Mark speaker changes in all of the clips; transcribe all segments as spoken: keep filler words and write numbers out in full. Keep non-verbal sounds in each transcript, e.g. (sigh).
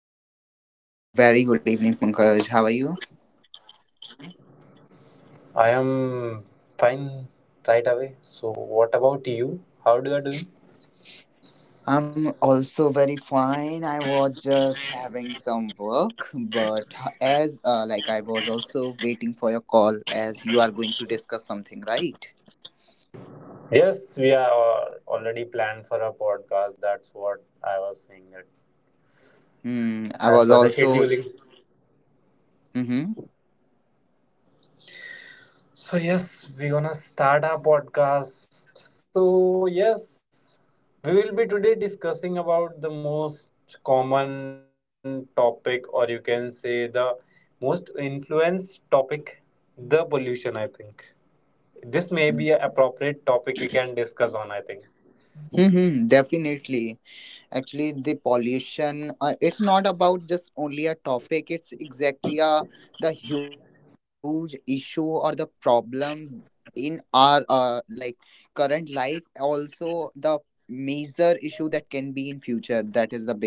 Speaker 1: Ajay.
Speaker 2: Very good evening, Pankaj. How are you?
Speaker 1: I am fine right away. So, what about you? How do you are doing?
Speaker 2: I'm also very fine. I was just having some work, but as uh, like I was also waiting for your call as you are going to discuss something, right?
Speaker 1: Yes, we are al- already planned for a podcast. That's what I was saying. It
Speaker 2: Hmm. I
Speaker 1: as
Speaker 2: was
Speaker 1: per the
Speaker 2: also.
Speaker 1: scheduling.
Speaker 2: Mm-hmm.
Speaker 1: So yes, we're gonna start our podcast. So yes, we will be today discussing about the most common topic, or you can say the most influenced topic, the pollution. I think this may be an appropriate topic we can discuss on, I think.
Speaker 2: Mm-hmm. Definitely. Actually the pollution uh, it's not about just only a topic, it's exactly a the huge issue or the problem in our uh, like current life, also the major issue that can be in future, that is the biggest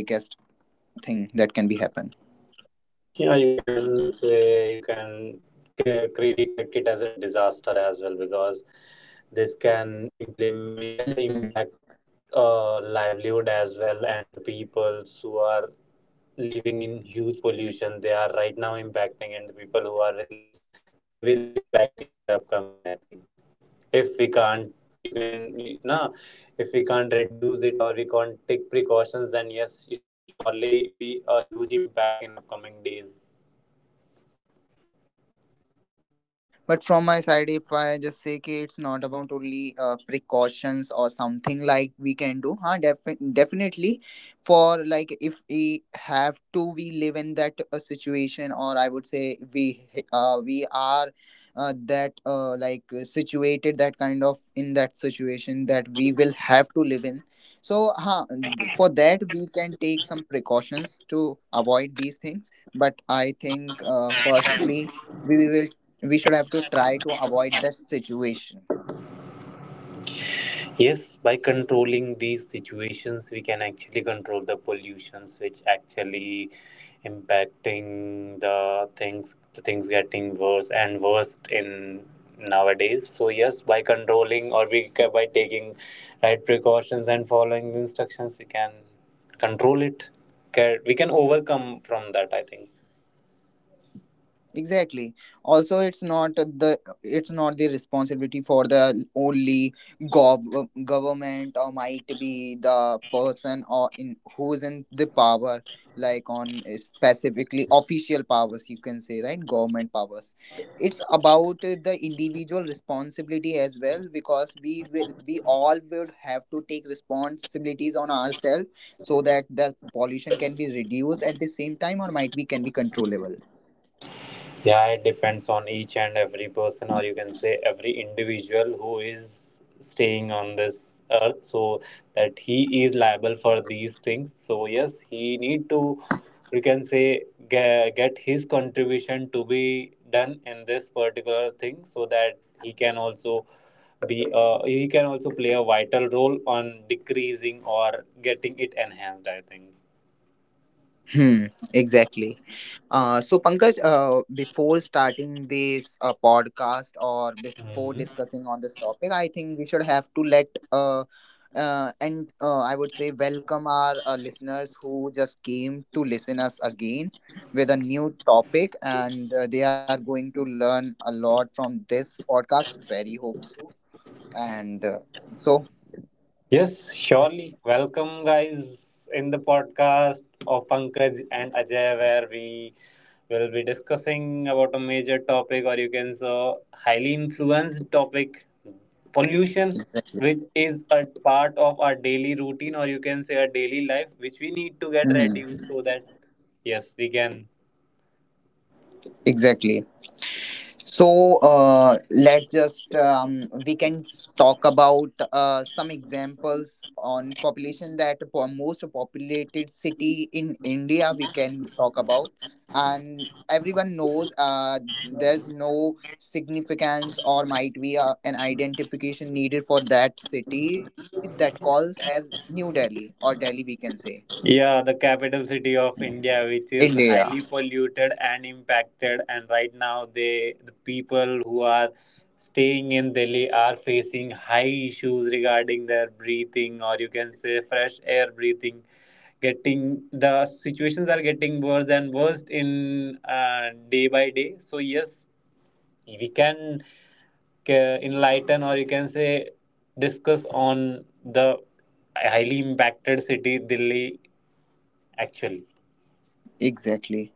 Speaker 2: thing that
Speaker 1: Yeah,
Speaker 2: can be
Speaker 1: you
Speaker 2: happen.
Speaker 1: can say you can ca- cre- recorrect it as a disaster as well because this can implement, you can say,
Speaker 2: Mm-hmm.
Speaker 1: impact uh, livelihood as well, and the peoples who are living in huge pollution they are right now impacting, and the people who are with less they will be impacting in the upcoming, I think, if we can't.
Speaker 2: Definitely. But from my side, if I just say कि it's not about only uh, precautions or something like we can do. Huh? Defi- definitely. For like if we have to, we live in that uh, situation, or I would say we uh, we are uh, that uh, like uh, situated that kind of in that situation that we will have to live in. So, huh, th- for that we can take some precautions to avoid these things. But I think uh, firstly we, we will we should have to try to avoid the situation.
Speaker 1: Yes, by controlling these situations, we can actually control the pollutions, which actually impacting the things, the things getting worse and worse in nowadays. So yes, by controlling or we ca- by taking right precautions and following the instructions, we can control it. Ca- We can overcome from that, I think.
Speaker 2: Exactly. Also, it's not the it's not the responsibility for the only gov- government, or might be the person or in who's in the power, like on eh, specifically official powers, you can say, government powers. It's about the individual responsibility as well, because we will we all would have to take responsibilities on ourselves so that the pollution can be reduced at the same time, or might be can be controllable.
Speaker 1: Yeah, it depends on each and every person, or you can say every individual who is staying on this earth, so that he is liable for these things. So yes, he need to, you can say, get, get his contribution to be done in this particular thing, so that he can also be, uh, he can also play a vital role on decreasing or getting it enhanced, I think.
Speaker 2: Hmm, exactly. Uh, so, Pankaj, uh, before starting this uh, podcast, or before
Speaker 1: Mhm.
Speaker 2: discussing on this topic, I think we should have to let uh, uh, and uh, I would say welcome our uh, listeners who just came to listen us again with a new topic, and uh, they are going to learn a lot from this podcast. Very hope so, and uh, so
Speaker 1: Yes, surely. Welcome, guys, in the podcast of Pankaj and Ajay, where we will be discussing about a major topic, or you can say highly influenced topic, pollution,
Speaker 2: exactly.
Speaker 1: which is a part of our daily routine, or you can say our daily life, which we need to get
Speaker 2: Hmm.
Speaker 1: reduced so that yes, we can.
Speaker 2: Exactly. So uh, let's just um, we can talk about uh, some examples on population, that po- most populated city in India we can talk about, and everyone knows uh, there's no significance, or might be uh, an identification needed for that city that calls as New Delhi or Delhi we can say.
Speaker 1: Yeah, the capital city of India, which is
Speaker 2: India,
Speaker 1: highly polluted and impacted, and right now they the people who are staying in Delhi are facing high issues regarding their breathing, or you can say fresh air breathing. Getting the situations are getting worse and worse in uh, day by day. So yes, we can ca- enlighten, or you can say, discuss on the highly impacted city Delhi actually.
Speaker 2: exactly.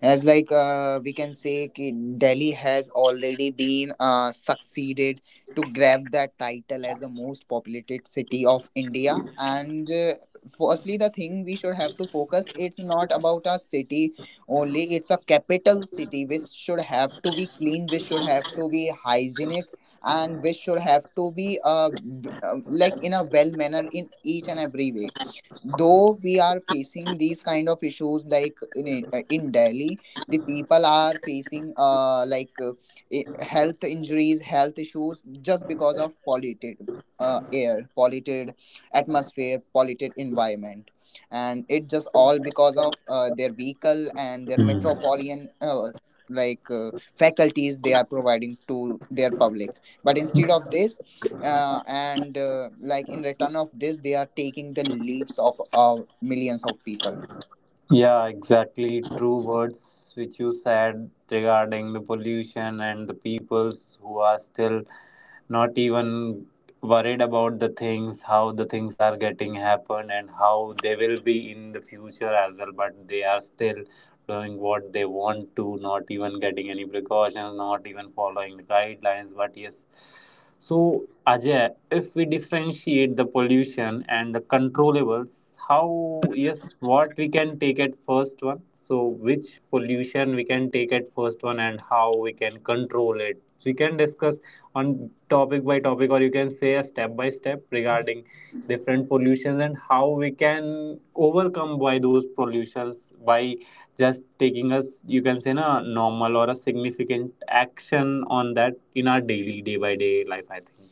Speaker 2: As like uh, we can say ki Delhi has already been uh, succeeded to grab that title as the most populated city of India, and uh, firstly the thing we should have to focus, it's not about a city only, it's a capital city which should have to be clean, which should have to be hygienic, and which should have to be uh, v- uh, like in a well manner in each and every way. Though we are facing these kind of issues like in, it- uh, in Delhi the people are facing uh, like uh, i- health injuries, health issues, just because of polluted uh, air, polluted atmosphere, polluted environment, and it just all because of uh, their vehicle and their
Speaker 1: Mm.
Speaker 2: metropolitan uh, like uh, faculties they are providing to their public. But instead of this, uh, and uh, like in return of this, they are taking the lives of uh, millions of people.
Speaker 1: Yeah, exactly. True words which you said regarding the pollution and the peoples who are still not even worried about the things, how the things are getting happen and how they will be in the future as well, but they are still doing what they want to, not even getting any precautions, not even following the guidelines. But yes, so Ajay, if we differentiate the pollution and the controllables, how, yes, what we can take at first one, so which pollution we can take at first one and how we can control it, so we can discuss on topic by topic, or you can say a step by step, regarding different pollutions and how we can overcome by those pollutions by just taking us, you can say, na normal or a significant action on that in our daily day by day life, I think.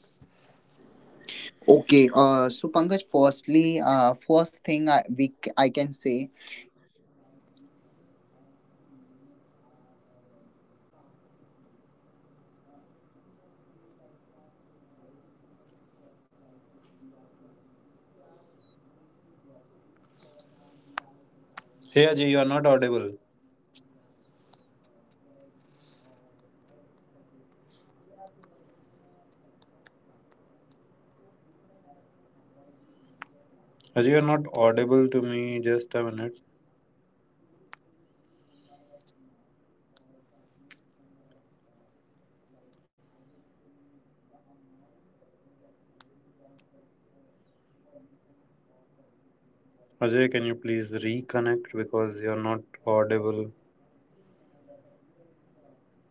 Speaker 2: Okay, uh, so Pankaj, firstly, uh, first thing I, we c- I can say is like we should have to limit our uh, like uh, plastic uses, uh, in each and every, like from the very tiny steps, like if we are using, if we are going to grocery shop and we are uh, buying a
Speaker 1: Hey
Speaker 2: milk
Speaker 1: Ajay, you are not
Speaker 2: packet, or
Speaker 1: audible.
Speaker 2: might we we are having uh, bread or egg packets, they are providing in a packet of plastic, right? So we should have to avoid the uses of plastic,
Speaker 1: Ajay,
Speaker 2: and
Speaker 1: you are
Speaker 2: I
Speaker 1: not
Speaker 2: would say the
Speaker 1: audible to me.
Speaker 2: plastic
Speaker 1: Just a
Speaker 2: has
Speaker 1: minute.
Speaker 2: been a huge huge huge number of market, or the huge number of uh, like I would say the amount uh, that has been caused of uh, pollution e, or pollution, air, polluted air. Uh, it is contributing to uh, polluting every manner, whether either it's a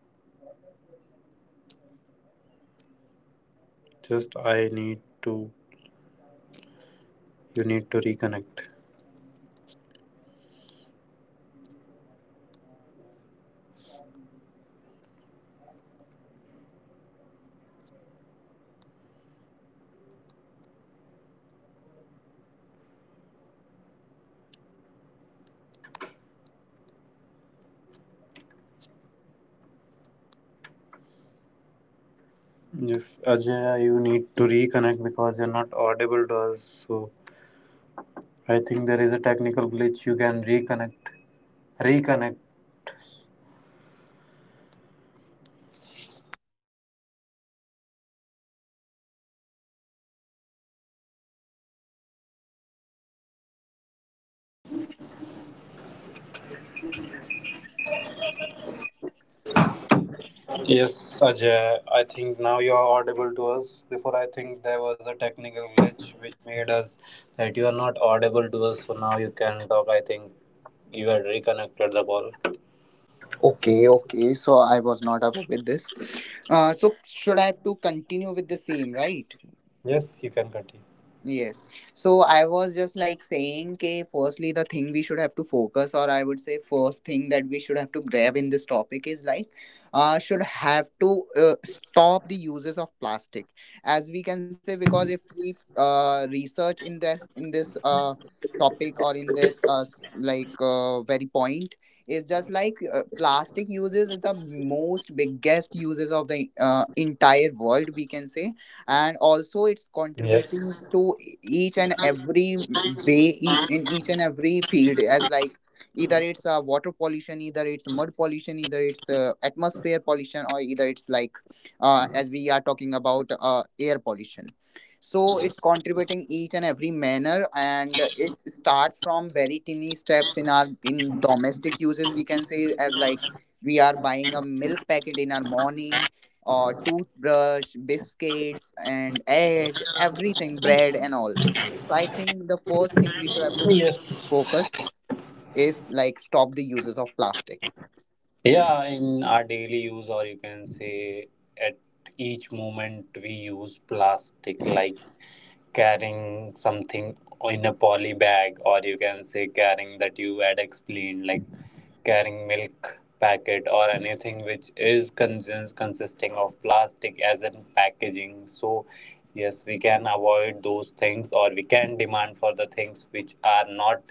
Speaker 2: water uh, pollution, either it's a air pollution, either it's atmosphere, or either it's uh, like mud pollution. So I think firstly the thing we should have to.
Speaker 1: Reconnect. Yes, Ajay, you need to reconnect because you're not audible to us. So I think there is a technical glitch. You can reconnect. Reconnect. Yes, Ajay. I think now you are audible to us. Before I think there was a technical glitch which made us that you are not audible to us. So now you can talk. I think you had reconnected the call.
Speaker 2: Okay, okay. So I was not up with this. Uh, so should I have to continue with the same, right?
Speaker 1: Yes, you can continue.
Speaker 2: Yes. So I was just like saying कि firstly the thing we should have to focus, or I would say first thing that we should have to grab in this topic is like uh should have to uh, stop the uses of plastic, as we can say, because if we uh research in this in this uh topic, or in this uh s- like uh, very point, is just like uh, plastic uses is the most biggest uses of the uh, entire world we can say. And also it's contributing
Speaker 1: Yes.
Speaker 2: to each and every way, e- in each and every field, as like either it's uh, water pollution, either it's mud pollution, either it's uh, atmosphere pollution, or either it's like uh, as we are talking about uh, air pollution. So it's contributing each and every manner, and it starts from very tiny steps in our in domestic uses we can say, as like we are buying a milk packet in our morning, or toothbrush, biscuits, and egg, everything, bread, and all. So I think the first thing we should have to s-
Speaker 1: Yes.
Speaker 2: focus is like stop the uses of plastic.
Speaker 1: Yeah, in our daily use, or you can say at each moment, we use plastic like carrying something in a poly bag, or you can say carrying that you had explained, like carrying milk packet or anything which is cons- consisting of plastic as in packaging. So, yes, we can avoid those things, or we can demand for the things which are not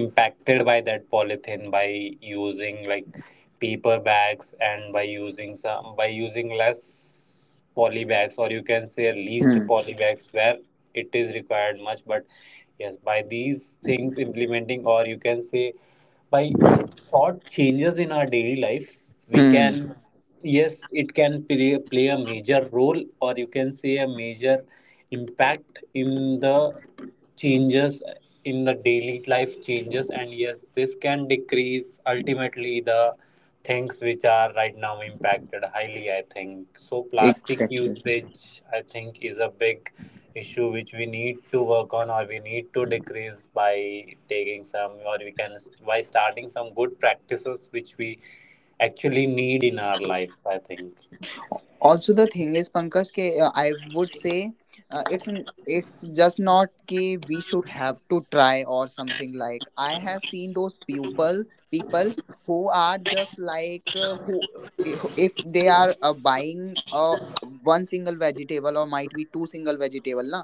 Speaker 1: impacted by that polythene by using like paper bags and by using some by using less poly bags or you can say least
Speaker 2: Hmm.
Speaker 1: poly bags where it is required much, but yes, by these things implementing, or you can say by short changes in our daily life, we
Speaker 2: Hmm.
Speaker 1: can, yes, it can play, play a major role, or you can say a major impact in the changes in the daily life changes, and yes, this can decrease ultimately the things which are right now impacted highly, I think. So plastic
Speaker 2: Exactly.
Speaker 1: usage, I think, is a big issue which we need to work on, or we need to decrease by taking some, or we can by starting some good practices which we actually need in our lives, I think.
Speaker 2: Also the thing is Pankaj ke, uh, I would say uh, it's n- it's just not ki we should have to try or something. Like I have seen those people people who are just like uh, who if if they are uh, buying uh, one single vegetable, or might be two single vegetable na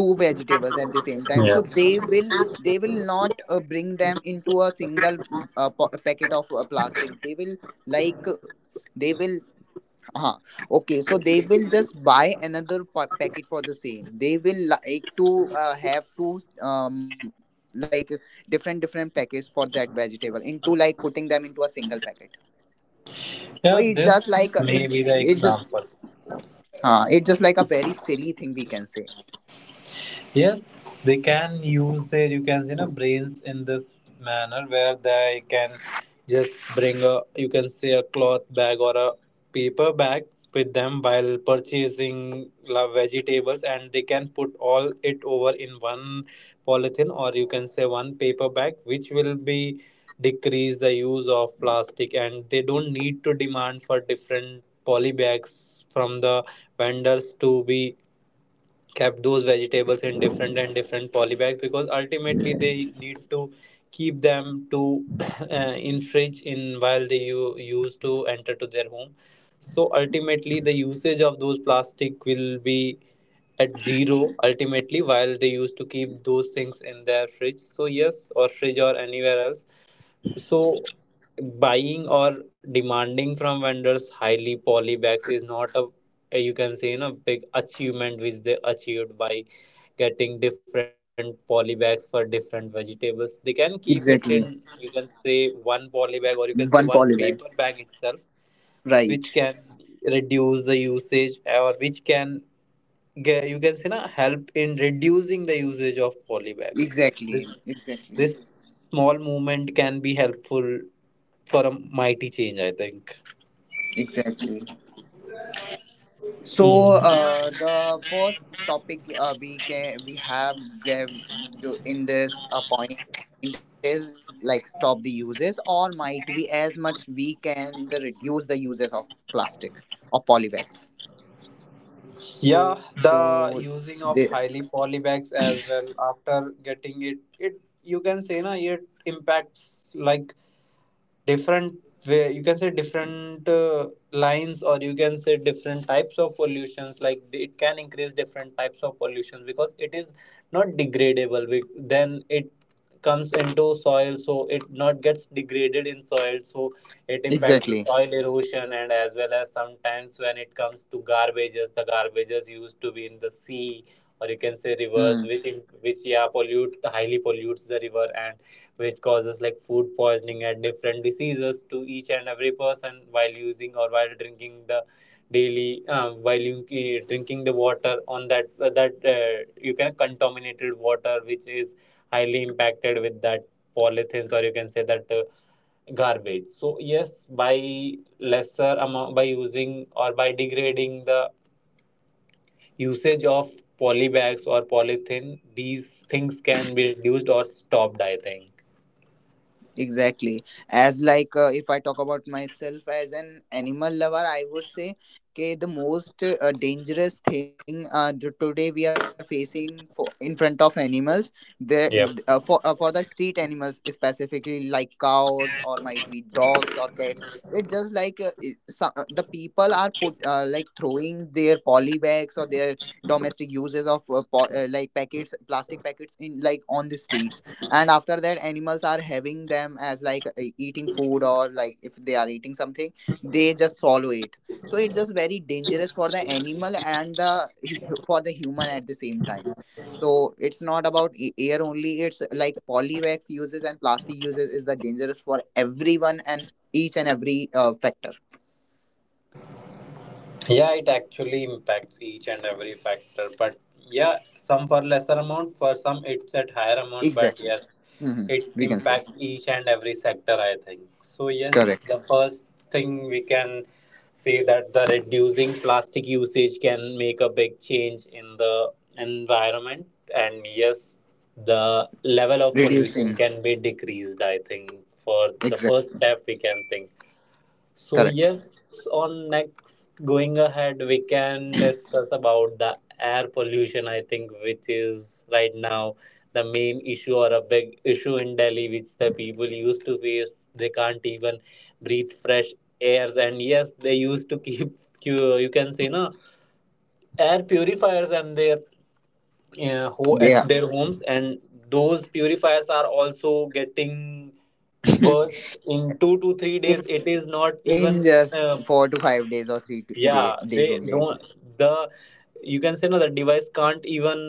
Speaker 2: two vegetables at the same time,
Speaker 1: Yeah.
Speaker 2: so they will they will not uh, bring them into a single uh, po- packet of uh, plastic. They will like they will huh okay, so they will just buy another pa- packet for the same. They will like to uh, have two um like different different packets for that vegetable, into like putting them into a single packet. So it's
Speaker 1: Yeah,
Speaker 2: just
Speaker 1: this
Speaker 2: like a- it,
Speaker 1: may
Speaker 2: it
Speaker 1: be the
Speaker 2: just
Speaker 1: example.
Speaker 2: uh, it just like a very silly thing we can say.
Speaker 1: Yes, they can use their, you can say, you know brains in this manner where they can just bring a, you can say, a cloth bag or a paper bag with them while purchasing la- vegetables, and they can put all it over in one polythene, or you can say one paper bag which will be decrease the use of plastic, and they don't need to demand for different poly bags from the vendors to be kept those vegetables in different and different polybags because ultimately they need to keep them to (clears throat) uh, in fridge in while they u- use to enter to their home so ultimately the usage of those plastic will be at zero ultimately while they used to keep those things in their fridge, so yes, or fridge or anywhere else, so, buying or demanding from vendors highly poly bags is not a, you can say, you know, big achievement which they achieved by getting different poly bags for different vegetables. They can keep it in,
Speaker 2: Exactly.
Speaker 1: you can say, one poly bag, or you can say one
Speaker 2: One
Speaker 1: paper
Speaker 2: polybag,
Speaker 1: bag itself, which
Speaker 2: right.
Speaker 1: can reduce the usage, or which can ge- you can say na, help in reducing the usage of poly bags. This
Speaker 2: Exactly, exactly.
Speaker 1: this small movement can be helpful for a mighty change, I think.
Speaker 2: Exactly. So
Speaker 1: Mhm.
Speaker 2: uh, the first topic uh, we can we have grabbed to- in this uh, point, is like stop the uses, or might we as much we can the reduce the uses of plastic or polybags.
Speaker 1: Yeah,
Speaker 2: So
Speaker 1: the using of
Speaker 2: this
Speaker 1: highly polybags as well after getting it, it you can say na it impacts like different way. You can say different uh, lines, or you can say different types of pollutions. Like it can increase different types of pollutions because it is not degradable. be- Then it comes into soil so it not gets degraded in soil so it impacts the soil
Speaker 2: exactly.
Speaker 1: erosion and as well as sometimes when it comes to garbages, the garbages used to be in the sea, or you can say rivers which im-
Speaker 2: Hmm.
Speaker 1: which yeah pollute, highly pollutes the river, and which causes like food poisoning and different diseases to each and every person while using or while drinking the daily um, while you, uh, drinking the water on that that uh, you can contaminated water which is highly impacted with that polythene, or you can say that uh, garbage, so yes, by lesser amount by using or by degrading the usage of poly bags or polythene, these things can be reduced or stopped, I think.
Speaker 2: Exactly. As like uh, if I talk about myself as an animal lover, I would say, okay, the most uh, dangerous thing uh, the, today we are facing for, in front of animals, the
Speaker 1: Yeah,
Speaker 2: uh, for uh, for the street animals, specifically like cows, or might be dogs, cats. It's just like uh, i- so, uh, the people are put uh, like throwing their poly bags or their domestic uses of uh, po- like packets, plastic packets in, like on the streets. And after that animals are having them as like e- eating food, or like if they are eating something, they just swallow it. So it's just very dangerous for the animal and the (laughs) for the human at the same time. So it's not about a- air only, it's like polywax uses and plastic uses is the dangerous for everyone and each and every uh, factor.
Speaker 1: yeah it actually impacts each and every factor, but yeah, some for lesser amount, for some it's at higher amount, but
Speaker 2: Exactly.
Speaker 1: yes,
Speaker 2: Hmm.
Speaker 1: it's
Speaker 2: We can say.
Speaker 1: impact each and every sector, I think. So yes,
Speaker 2: Correct.
Speaker 1: the first thing we can say that the reducing plastic usage can make a big change in the environment, and yes, the level of pollution
Speaker 2: Reducing.
Speaker 1: can be decreased, I think, for the
Speaker 2: Exact.
Speaker 1: first step we can think. So
Speaker 2: Correct.
Speaker 1: yes, on next going ahead, we can
Speaker 2: (clears throat)
Speaker 1: discuss about the air pollution, I think, which is right now the main issue or a big issue in Delhi, which the people used to face. They can't even breathe fresh airs, and yes, they used to keep (laughs) you you can say no air purifiers and their uh, ho- at
Speaker 2: They.
Speaker 1: their homes, and those purifiers are also getting
Speaker 2: Yeah.
Speaker 1: worst in two to three days. It is not
Speaker 2: (laughs) (clears throat)
Speaker 1: even.
Speaker 2: In just
Speaker 1: uh,
Speaker 2: four to five days, or three to day,
Speaker 1: yeah
Speaker 2: days
Speaker 1: they
Speaker 2: only.
Speaker 1: don't the you can say no the device can't even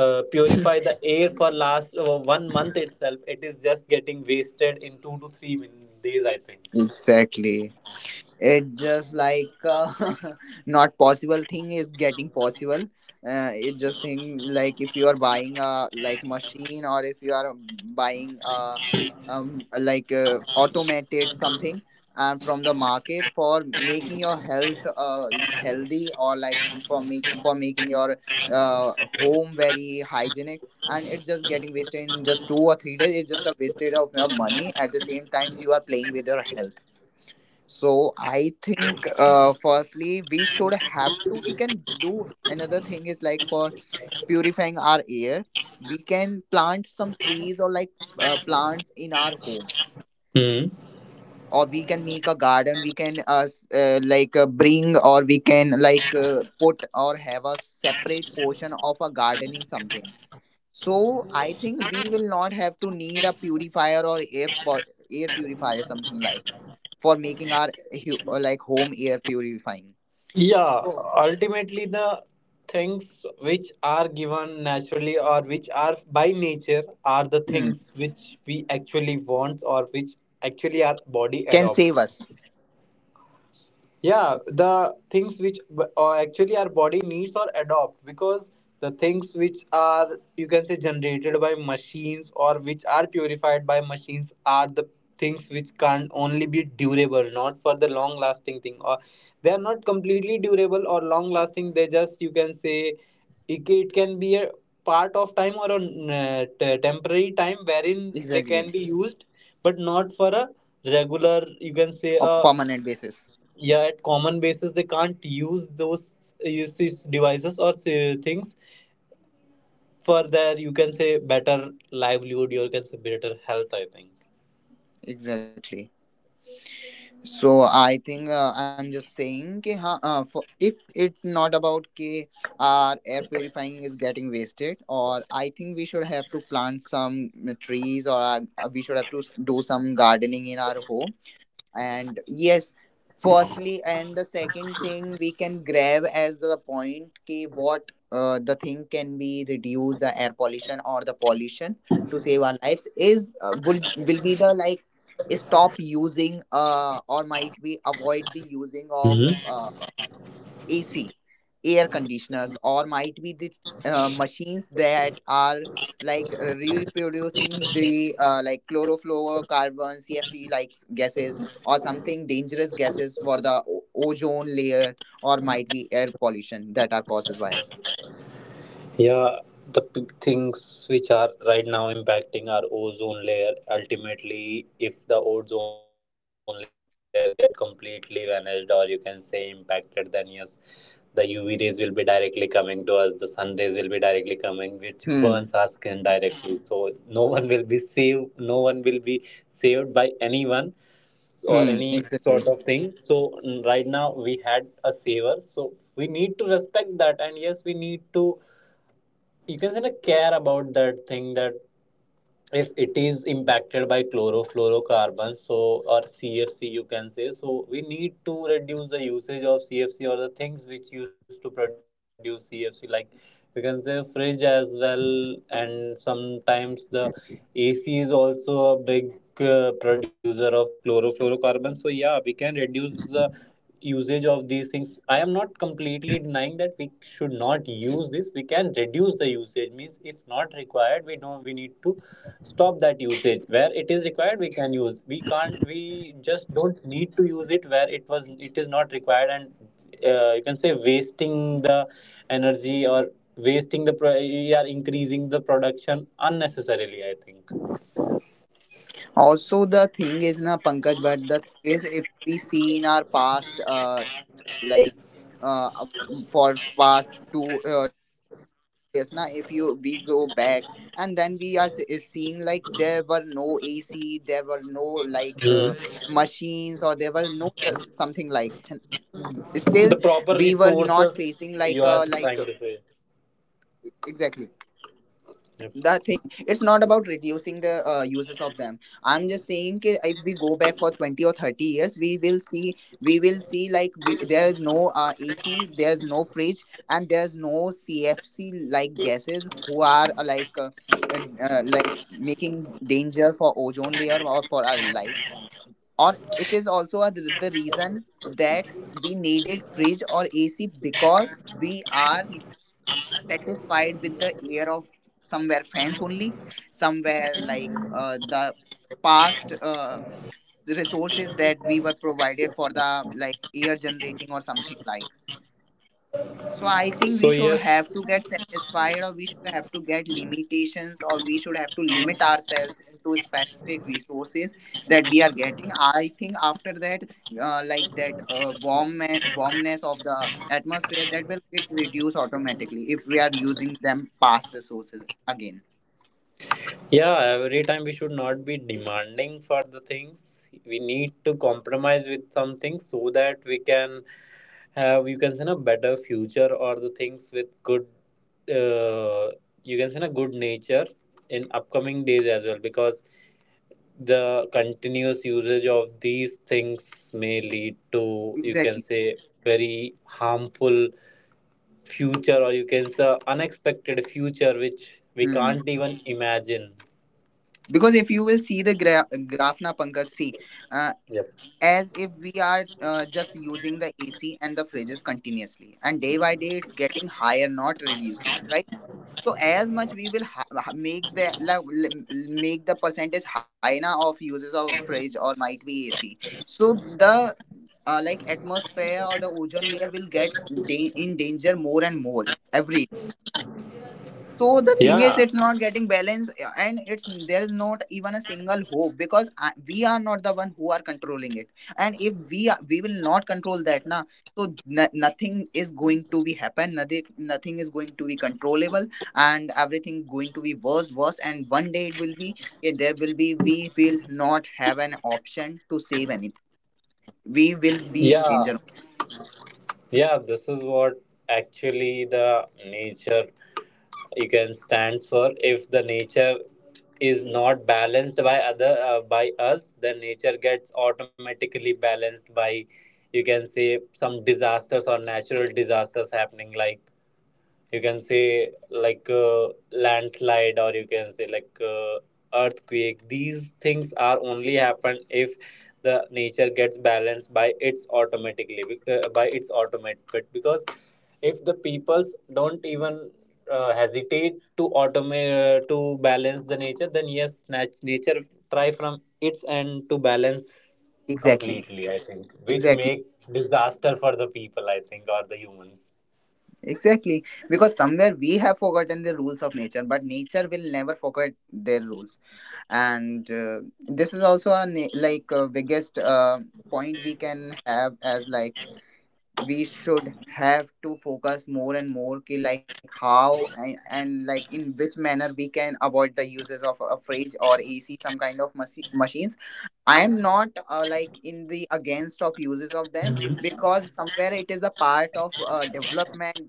Speaker 1: uh, purify the air for
Speaker 2: (laughs)
Speaker 1: last uh, one month itself it is just getting wasted in two to three min- days, I think.
Speaker 2: Exactly. It just like uh, (laughs) not possible thing is getting possible. Uh, it just thing like if you are buying a like machine, or if you are buying a um like uh, automated something, and from the market, for making your health uh, healthy, or like for make for making your uh, home very hygienic, and it's just getting wasted in just two or three days. It's just a wasted of your money, at the same times you are playing with your health. So I think uh, firstly we should have to we can do another thing is like for purifying our air, we can plant some trees, or like uh, plants in our home,
Speaker 1: Hmm.
Speaker 2: or we can make a garden, we can uh, s- uh, like uh, bring, or we can like uh, put, or have a separate portion of a gardening something. So I think we will not have to need a purifier, or air pu- air purifier something, like for making our hu- uh, like home air purifying.
Speaker 1: Yeah,
Speaker 2: So
Speaker 1: ultimately the things which are given naturally or which are by nature are the
Speaker 2: hmm,
Speaker 1: things which we actually want, or which actually our body
Speaker 2: can
Speaker 1: adopts.
Speaker 2: save us
Speaker 1: Yeah, the things which b- uh, actually our body needs or adopt, because the things which are, you can say, generated by machines or which are purified by machines are the things which can only be durable, not for the long lasting thing, or they are not completely durable or long lasting. They just, you can say, it, it can be a part of time, or a uh, t- temporary time wherein they can be
Speaker 2: exactly,
Speaker 1: used, but not for a regular, you can say, a
Speaker 2: a permanent basis,
Speaker 1: yeah, at common basis they can't use those, use these devices or uh, things for their, you can say, better livelihood, you can say better health, I think.
Speaker 2: exactly. So I think uh, I'm just saying कि हाँ, uh, for, if it's not about कि our air purifying is getting wasted or I think we should have to plant some trees or uh, we should have to do some gardening in our home and yes, firstly, and the second thing we can grab as the point ki what uh, the thing can be reduce the air pollution or the pollution to save our lives is uh, will will be the like stop using uh, or might be avoid the using of uh, A C, air conditioners, or might be the uh, machines that are like uh, reproducing the uh, like chlorofluorocarbon C F C like gases or something dangerous gases for the o- ozone layer or might be air pollution that are causes by.
Speaker 1: Yeah, the big things which are right now impacting our ozone layer. Ultimately, if the ozone layer get completely vanished, or you can say impacted, then yes, the U V rays will be directly coming to us. The sun rays will be directly coming, which burns our
Speaker 2: Hmm.
Speaker 1: skin directly. So no one will be saved. No one will be saved by anyone or
Speaker 2: Hmm,
Speaker 1: any sort
Speaker 2: exactly.
Speaker 1: of thing. So mm, right now we had a saver, so we need to respect that, and yes, we need to, you can say, of care about that thing, that if it is impacted by chlorofluorocarbons, so or cfc you can say, so we need to reduce the usage of cfc or the things which used to produce cfc, like we can say fridge as well, and sometimes the ac is also a big uh, producer of chlorofluorocarbons. So yeah, we can reduce the usage of these things. I am not completely denying that we should not use this. We can reduce the usage means if not required, we know we need to stop that usage. Where it is required, we can use, we can't, we just don't need to use it where it was, it is not required, and uh, you can say wasting the energy, or wasting the pro- you are increasing the production unnecessarily, I think.
Speaker 2: Also, the thing is, na Pankaj, but the thing is, if we see in our past, uh, like uh, um, for past two, uh, twenty or thirty years, na, if you we go back and then we are se- is seeing like there were no A C, there were no like
Speaker 1: Mm.
Speaker 2: uh, machines, or there were no uh, something like. Still,
Speaker 1: The proper
Speaker 2: we were not
Speaker 1: resources,
Speaker 2: facing
Speaker 1: you
Speaker 2: like
Speaker 1: are
Speaker 2: uh, like
Speaker 1: trying
Speaker 2: uh,
Speaker 1: to say.
Speaker 2: exactly
Speaker 1: Yep.
Speaker 2: the thing. It's not about reducing the uh, uses of them. I'm just saying ki if we go back for twenty or thirty, see, we will see like we, there is no uh, AC, there's no fridge, and there's no CFC like gases who are uh, like uh, uh, uh, like making danger for ozone layer or for our lives, or it is also a, the reason that we needed fridge or AC because we are satisfied with the air of somewhere fans only, somewhere like uh, the past resources that we were provided for the like air generating or something like. So I think we
Speaker 1: So
Speaker 2: should have
Speaker 1: yes,
Speaker 2: to get satisfied or we should have to get limitations or we should have to limit ourselves into specific resources that we are getting. I think after that, uh, like that uh, warm warmness of the atmosphere, that will get reduced automatically if we are using them past resources again.
Speaker 1: yeah, every time we should not be demanding for the things. We need to compromise with something so that we can have, you can say, a better future, or the things with good uh, you can say a good nature in upcoming days as well, because the continuous usage of these things may lead to, you can
Speaker 2: Exactly.
Speaker 1: say, very harmful future, or you can say unexpected future which we
Speaker 2: Hmm.
Speaker 1: can't even imagine.
Speaker 2: Because if you will see the gra- graph na Pankaj, see, uh,
Speaker 1: Yep.
Speaker 2: as if we are uh, just using the A C and the fridges continuously. And day by day, it's getting higher, not reducing, right? So as much we will ha- ha- make the like, l- make the percentage higher now of uses of fridge or might be A C. So the uh, like atmosphere or the ozone layer will get da- in danger more and more every. So the thing is
Speaker 1: Yeah,
Speaker 2: it's not getting balanced, uh, and it's there is not even a single hope because I, we are not the one who are controlling it, and if we are, we will not control that na. So n- nothing is going to be happen, nothing nothing is going to be controllable, and everything going to be worse worse, and one day it will be eh, there will be we will not have an option to save anything. We will be in
Speaker 1: yeah,
Speaker 2: danger.
Speaker 1: yeah. This is what actually the nature you can stands for. If the nature is not balanced by other uh, by us, then nature gets automatically balanced by, you can say, some disasters or natural disasters happening, like you can say like uh, landslide, or you can say like uh, earthquake. These things are only happen if the nature gets balanced by its automatically uh, by its automate, but because if the peoples don't even uh, hesitate to automate uh, to balance the nature, then yes, nat- nature try from its end to balance
Speaker 2: Exactly.
Speaker 1: completely, I think, which
Speaker 2: Exactly.
Speaker 1: make disaster for the people, I think, or the humans.
Speaker 2: Exactly, because somewhere we have forgotten the rules of nature, but nature will never forget their rules. And uh, this is also a na- like uh, biggest uh, point we can have as like we should have to focus more and more ki, like how and, and like in which manner we can avoid the uses of a fridge or A C, some kind of machi- machines. I am not uh, like in the against of uses of them because somewhere it is a part of uh, development,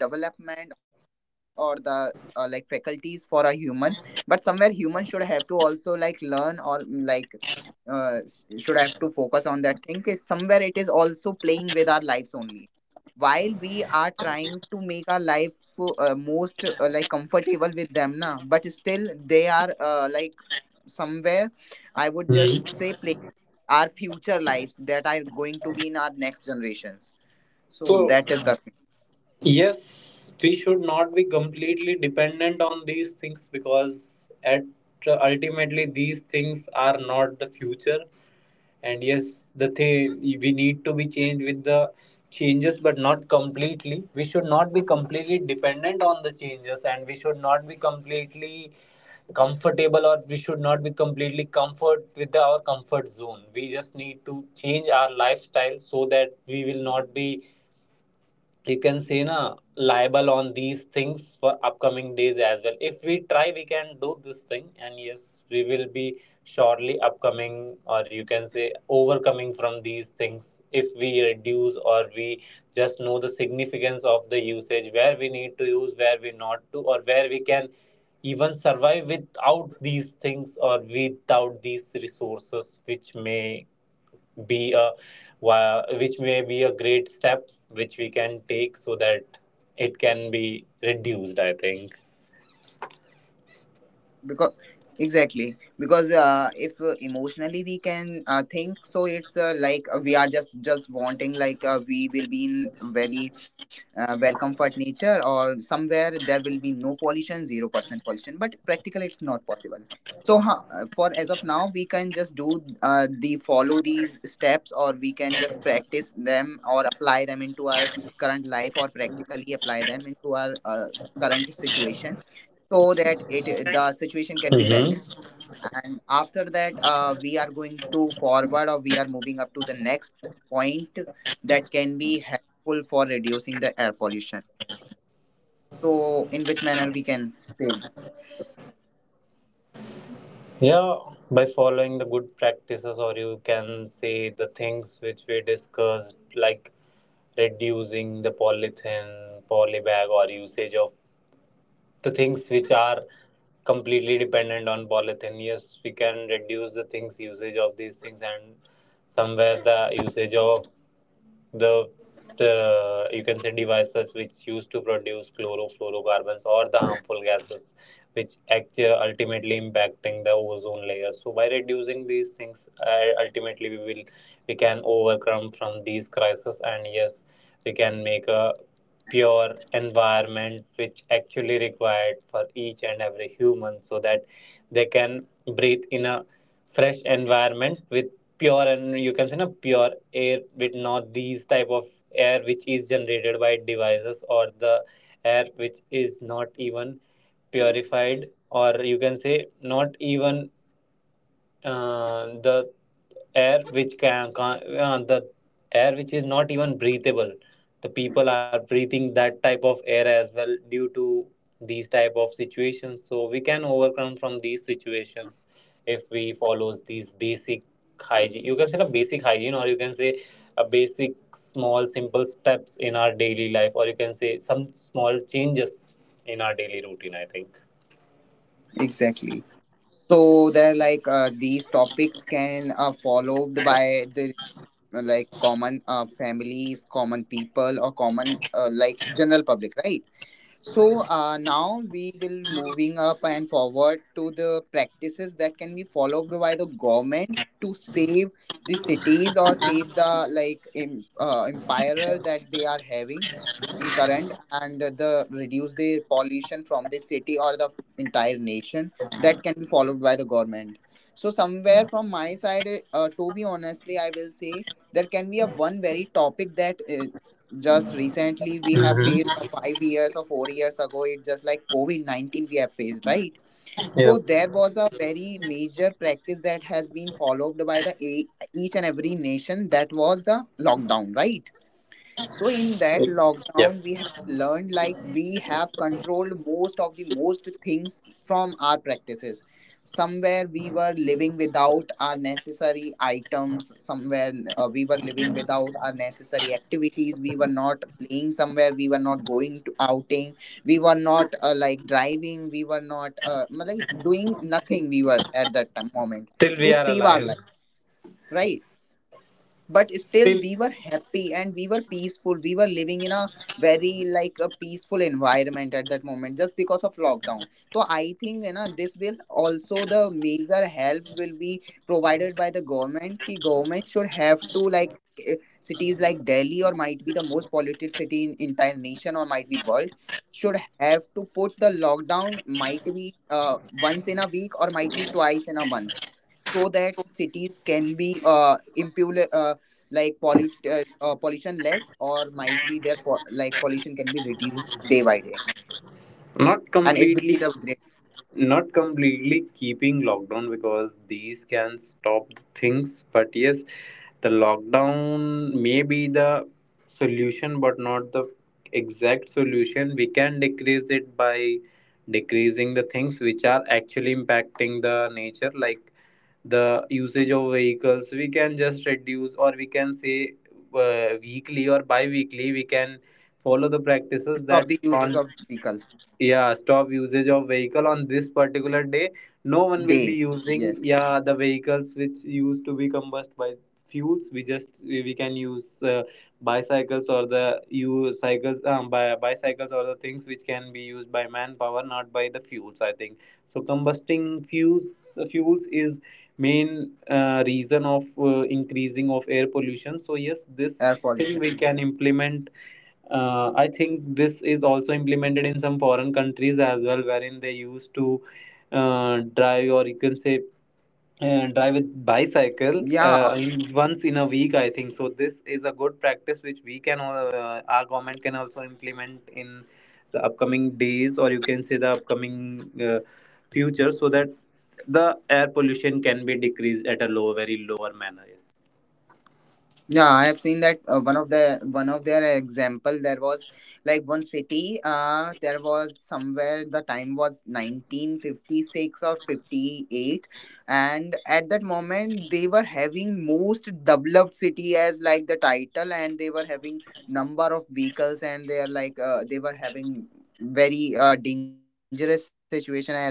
Speaker 2: development or the uh, like faculties for a human. But somewhere human should have to also like learn or mm, like uh, s- should have to that thing. Is somewhere it is also playing with our lives only. While we are trying to make our life uh, most uh, like comfortable with them, na, but still they are uh, like somewhere, I would just
Speaker 1: Mhm.
Speaker 2: say play our future lives that are going to be in our next generations. So
Speaker 1: So,
Speaker 2: that is the.
Speaker 1: yes, we should not be completely dependent on these things, because at ultimately these things are not the future. And yes, the thing we need to be changed with the changes, but not completely. We should not be completely dependent on the changes, and we should not be completely comfortable, or we should not be completely comfort with the, our comfort zone. We just need to change our lifestyle so that we will not be, you can say, na liable on these things for upcoming days as well. If we try, we can do this thing, and yes, we will be surely upcoming, or you can say overcoming from these things, if we reduce, or we just know the significance of the usage, where we need to use, where we not to, or where we can even survive without these things or without these resources, which may be a, which may be a great step which we can take, so that it can be reduced, I think.
Speaker 2: Because exactly, because uh, if uh, emotionally we can uh, think, so it's uh, like uh, we are just just wanting like uh, we will be in very uh, well comfort nature, or somewhere there will be no pollution, zero percent pollution, but practically it's possible. So huh, uh, for as of now we can just do uh, the follow these steps, or we can just practice them or apply them into our current life, or practically them into our uh, current situation, so that it the situation can be
Speaker 1: Mm-hmm.
Speaker 2: balanced. And after that uh, we are going to forward or we are moving up to the next point that can be helpful for reducing the air pollution. So in which manner we can save.
Speaker 1: Yeah, by following the good practices, or you can say the things which we discussed, like reducing the polythene polybag, or usage of the things which are completely dependent on polythene. Yes, we can reduce the things, usage of these things, and somewhere the usage of the the, you can say, devices which used to produce chlorofluorocarbons or the harmful gases which act uh, ultimately impacting the ozone layer. So by reducing these things, uh, ultimately we will, we can overcome from these crises, and yes, we can make a pure environment which actually required for each and every human, so that they can breathe in a fresh environment with pure, and you can say na pure air, with not these type of air which is generated by devices, or the air which is not even purified, or you can say not even uh, the air which can, can uh, the air which is not even breathable. The people are breathing that type of air as well due to these type of situations. So we can overcome from these situations if we follows these basic hygiene, you can say the basic hygiene, or you can say a basic small simple steps in our daily life, or you can say some small changes in our daily routine, I think.
Speaker 2: Exactly. So there like uh, these topics can uh, followed by the uh, like common uh, families, common people, or common uh, like general public, right? So uh, now we will moving up and forward to the practices that can be followed by the government, save the cities or save the like em- uh, empire that they are having in current, and the reduce the pollution from the city or the entire nation that can be followed by the government. So somewhere from my side, uh, to be honestly, I will say there can be a one very topic that uh, just recently we have faced or five years or four years ago, it just like covid nineteen we have faced, right?
Speaker 1: Yep.
Speaker 2: So there was a very major practice that has been followed by the a- each and every nation, that was the lockdown, right? So in that
Speaker 1: Yep.
Speaker 2: lockdown, we have learned like we have controlled most of the most things from our practices. Somewhere we were living without our necessary items. Somewhere uh, we were living without our necessary activities. We were not playing somewhere. We were not going to outing. We were not uh, like driving. We were not uh, मतलब doing nothing. We were at that time- moment
Speaker 1: Till we
Speaker 2: to
Speaker 1: are
Speaker 2: save our
Speaker 1: alive.
Speaker 2: life, right? But still
Speaker 1: Still.
Speaker 2: we were happy and we were peaceful. We were living in a very like a peaceful environment at that moment just because of lockdown. So I think, you know, this will also the major help will be provided by the government ki government should have to like eh, cities like Delhi or might be the most polluted city in entire nation or might be world, should have to put the lockdown, might be uh, once in a week or might be twice in a month, so that cities can be uh, impule uh, like pollu- uh, uh, pollution less, or might be their po- like pollution can be reduced day by day. And
Speaker 1: Not
Speaker 2: it will be the
Speaker 1: completely,
Speaker 2: great.
Speaker 1: not completely keeping lockdown, because these can stop the things, but yes, the lockdown may be the solution, but not the exact solution. We can decrease it by decreasing the things which are actually impacting the nature, like the usage of vehicles we can just reduce, or we can say uh, weekly or bi-weekly we can follow the
Speaker 2: Stop the
Speaker 1: practices that
Speaker 2: uses of
Speaker 1: on,
Speaker 2: vehicle.
Speaker 1: yeah, stop usage of vehicle on this particular day. No one
Speaker 2: Day.
Speaker 1: will be
Speaker 2: Yes.
Speaker 1: using, yeah, the vehicles which used to be combusted by fuels. We just, we can use uh, bicycles or the use cycles, um, by bicycles, or the things which can be used by manpower, not by the fuels, I think. So combusting fuels, the fuels is main uh, reason of uh, increasing of air pollution. So yes,
Speaker 2: Air
Speaker 1: this
Speaker 2: pollution.
Speaker 1: thing we can implement. uh, I think this is also implemented in some foreign countries as well, wherein they used to uh, drive, or you can say uh, drive with
Speaker 2: Yeah.
Speaker 1: bicycle uh, in, once in a week, I think so. This is a good practice which we can uh, our government can also implement in the upcoming days, or you can say the upcoming uh, future, so that the air pollution can be decreased at a low, very lower manner. Yes.
Speaker 2: Yeah, I have seen that uh, one of the one of their example. There was like one city uh there was somewhere the time was nineteen fifty-six or fifty-eight, and at that moment they were having most developed city as like the title, and they were having number of vehicles, and they are like uh, they were having very uh, dangerous situation as like polluted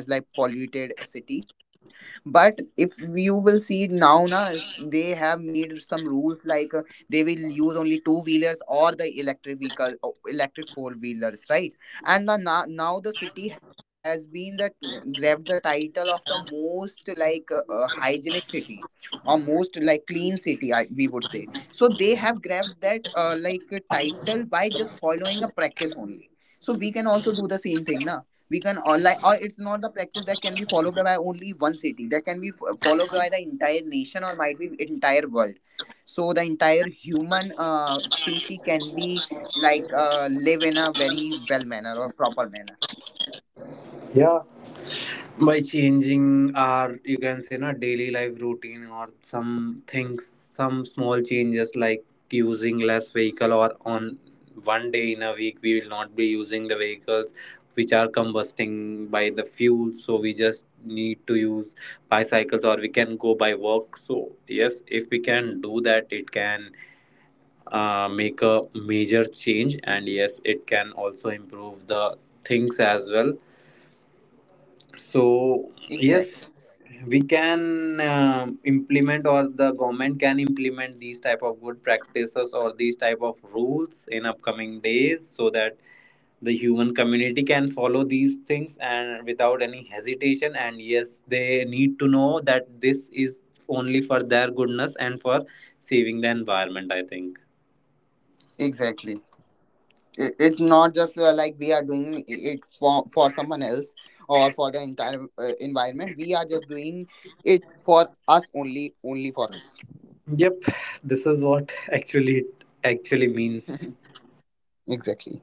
Speaker 2: city. But if you will see it now na, they have made some rules like they will use only two wheelers or the electric vehicle uh, electric four wheelers, right? And the, now, now the city has been that grabbed the title of the most like uh, uh, hygienic city or most like clean city, I, we would say. So they have grabbed that uh, like uh, just following a practice only. So we can also do the same thing na. We can all like, or it's not the practice that can be followed by only one city, that can be f- followed by the entire nation or might be entire world. So the entire human uh, species can be like uh, live in a very well manner or proper manner.
Speaker 1: Yeah. By changing our, you can say na daily life routine, or some things, some small changes like using less vehicle, or on one day in a week we will not be using the vehicles which are combusting by the fuel. So we just need to use bicycles, or we can go by walk. So yes, if we can do that, it can uh, make a major change, and yes, it can also improve the things as well. So
Speaker 2: Exactly.
Speaker 1: yes, we can um implement, or the government can implement these type of good practices, or these type of rules in upcoming days, so that the human community can follow these things and without any hesitation, and yes, they need to know that this is only for their goodness and for saving the environment, I think.
Speaker 2: Exactly. I- it's not just uh, like we are doing it for, for someone else or for the entire uh, environment. We are just doing it for us only, only for us.
Speaker 1: Yep, this is what (laughs) actually, it actually means.
Speaker 2: (laughs) Exactly.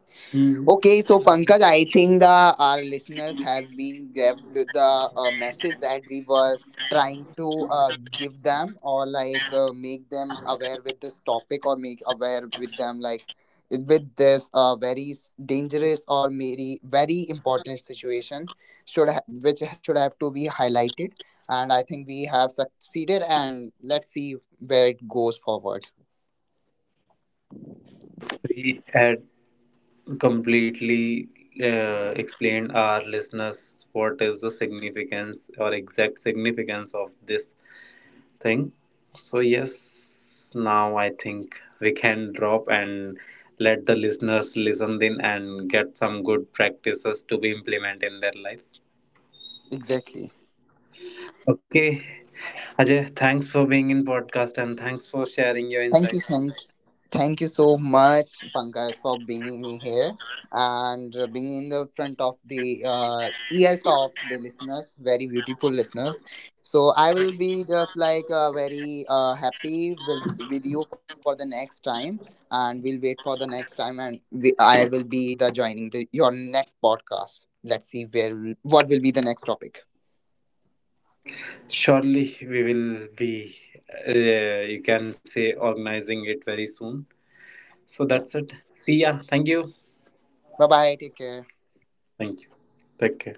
Speaker 2: Okay, so Pankaj, I think the our listeners has been grabbed with the uh, message that we were trying to uh, give them or like uh, make them aware with this topic or make aware with them like with this uh, very s- dangerous or very very important situation, should ha- which should have to be highlighted. And I think we have succeeded, and let's see where it goes forward.
Speaker 1: We had completely uh, explained our listeners what is the significance, or exact significance of this thing. So yes, now I think we can drop, and let the listeners listen in and get some good practices to be implement in their life.
Speaker 2: Exactly.
Speaker 1: Okay, Ajay, thanks for being in podcast, and thanks for sharing your
Speaker 2: Thank you,
Speaker 1: insights.
Speaker 2: thank, thank you so much, Pankaj, for bringing me here and uh, bringing in the front of the uh, ears of the listeners, very beautiful listeners. So I will be just like uh, very uh, happy with with you for the next time, and we'll wait for the next time, and we, I will be the joining your next podcast. Let's see where what will be the next topic.
Speaker 1: Surely we will be, uh, you can say, organizing it very soon. So that's
Speaker 2: Yeah.
Speaker 1: it. See ya. Thank you.
Speaker 2: Bye bye. Take care.
Speaker 1: Thank you. Take care.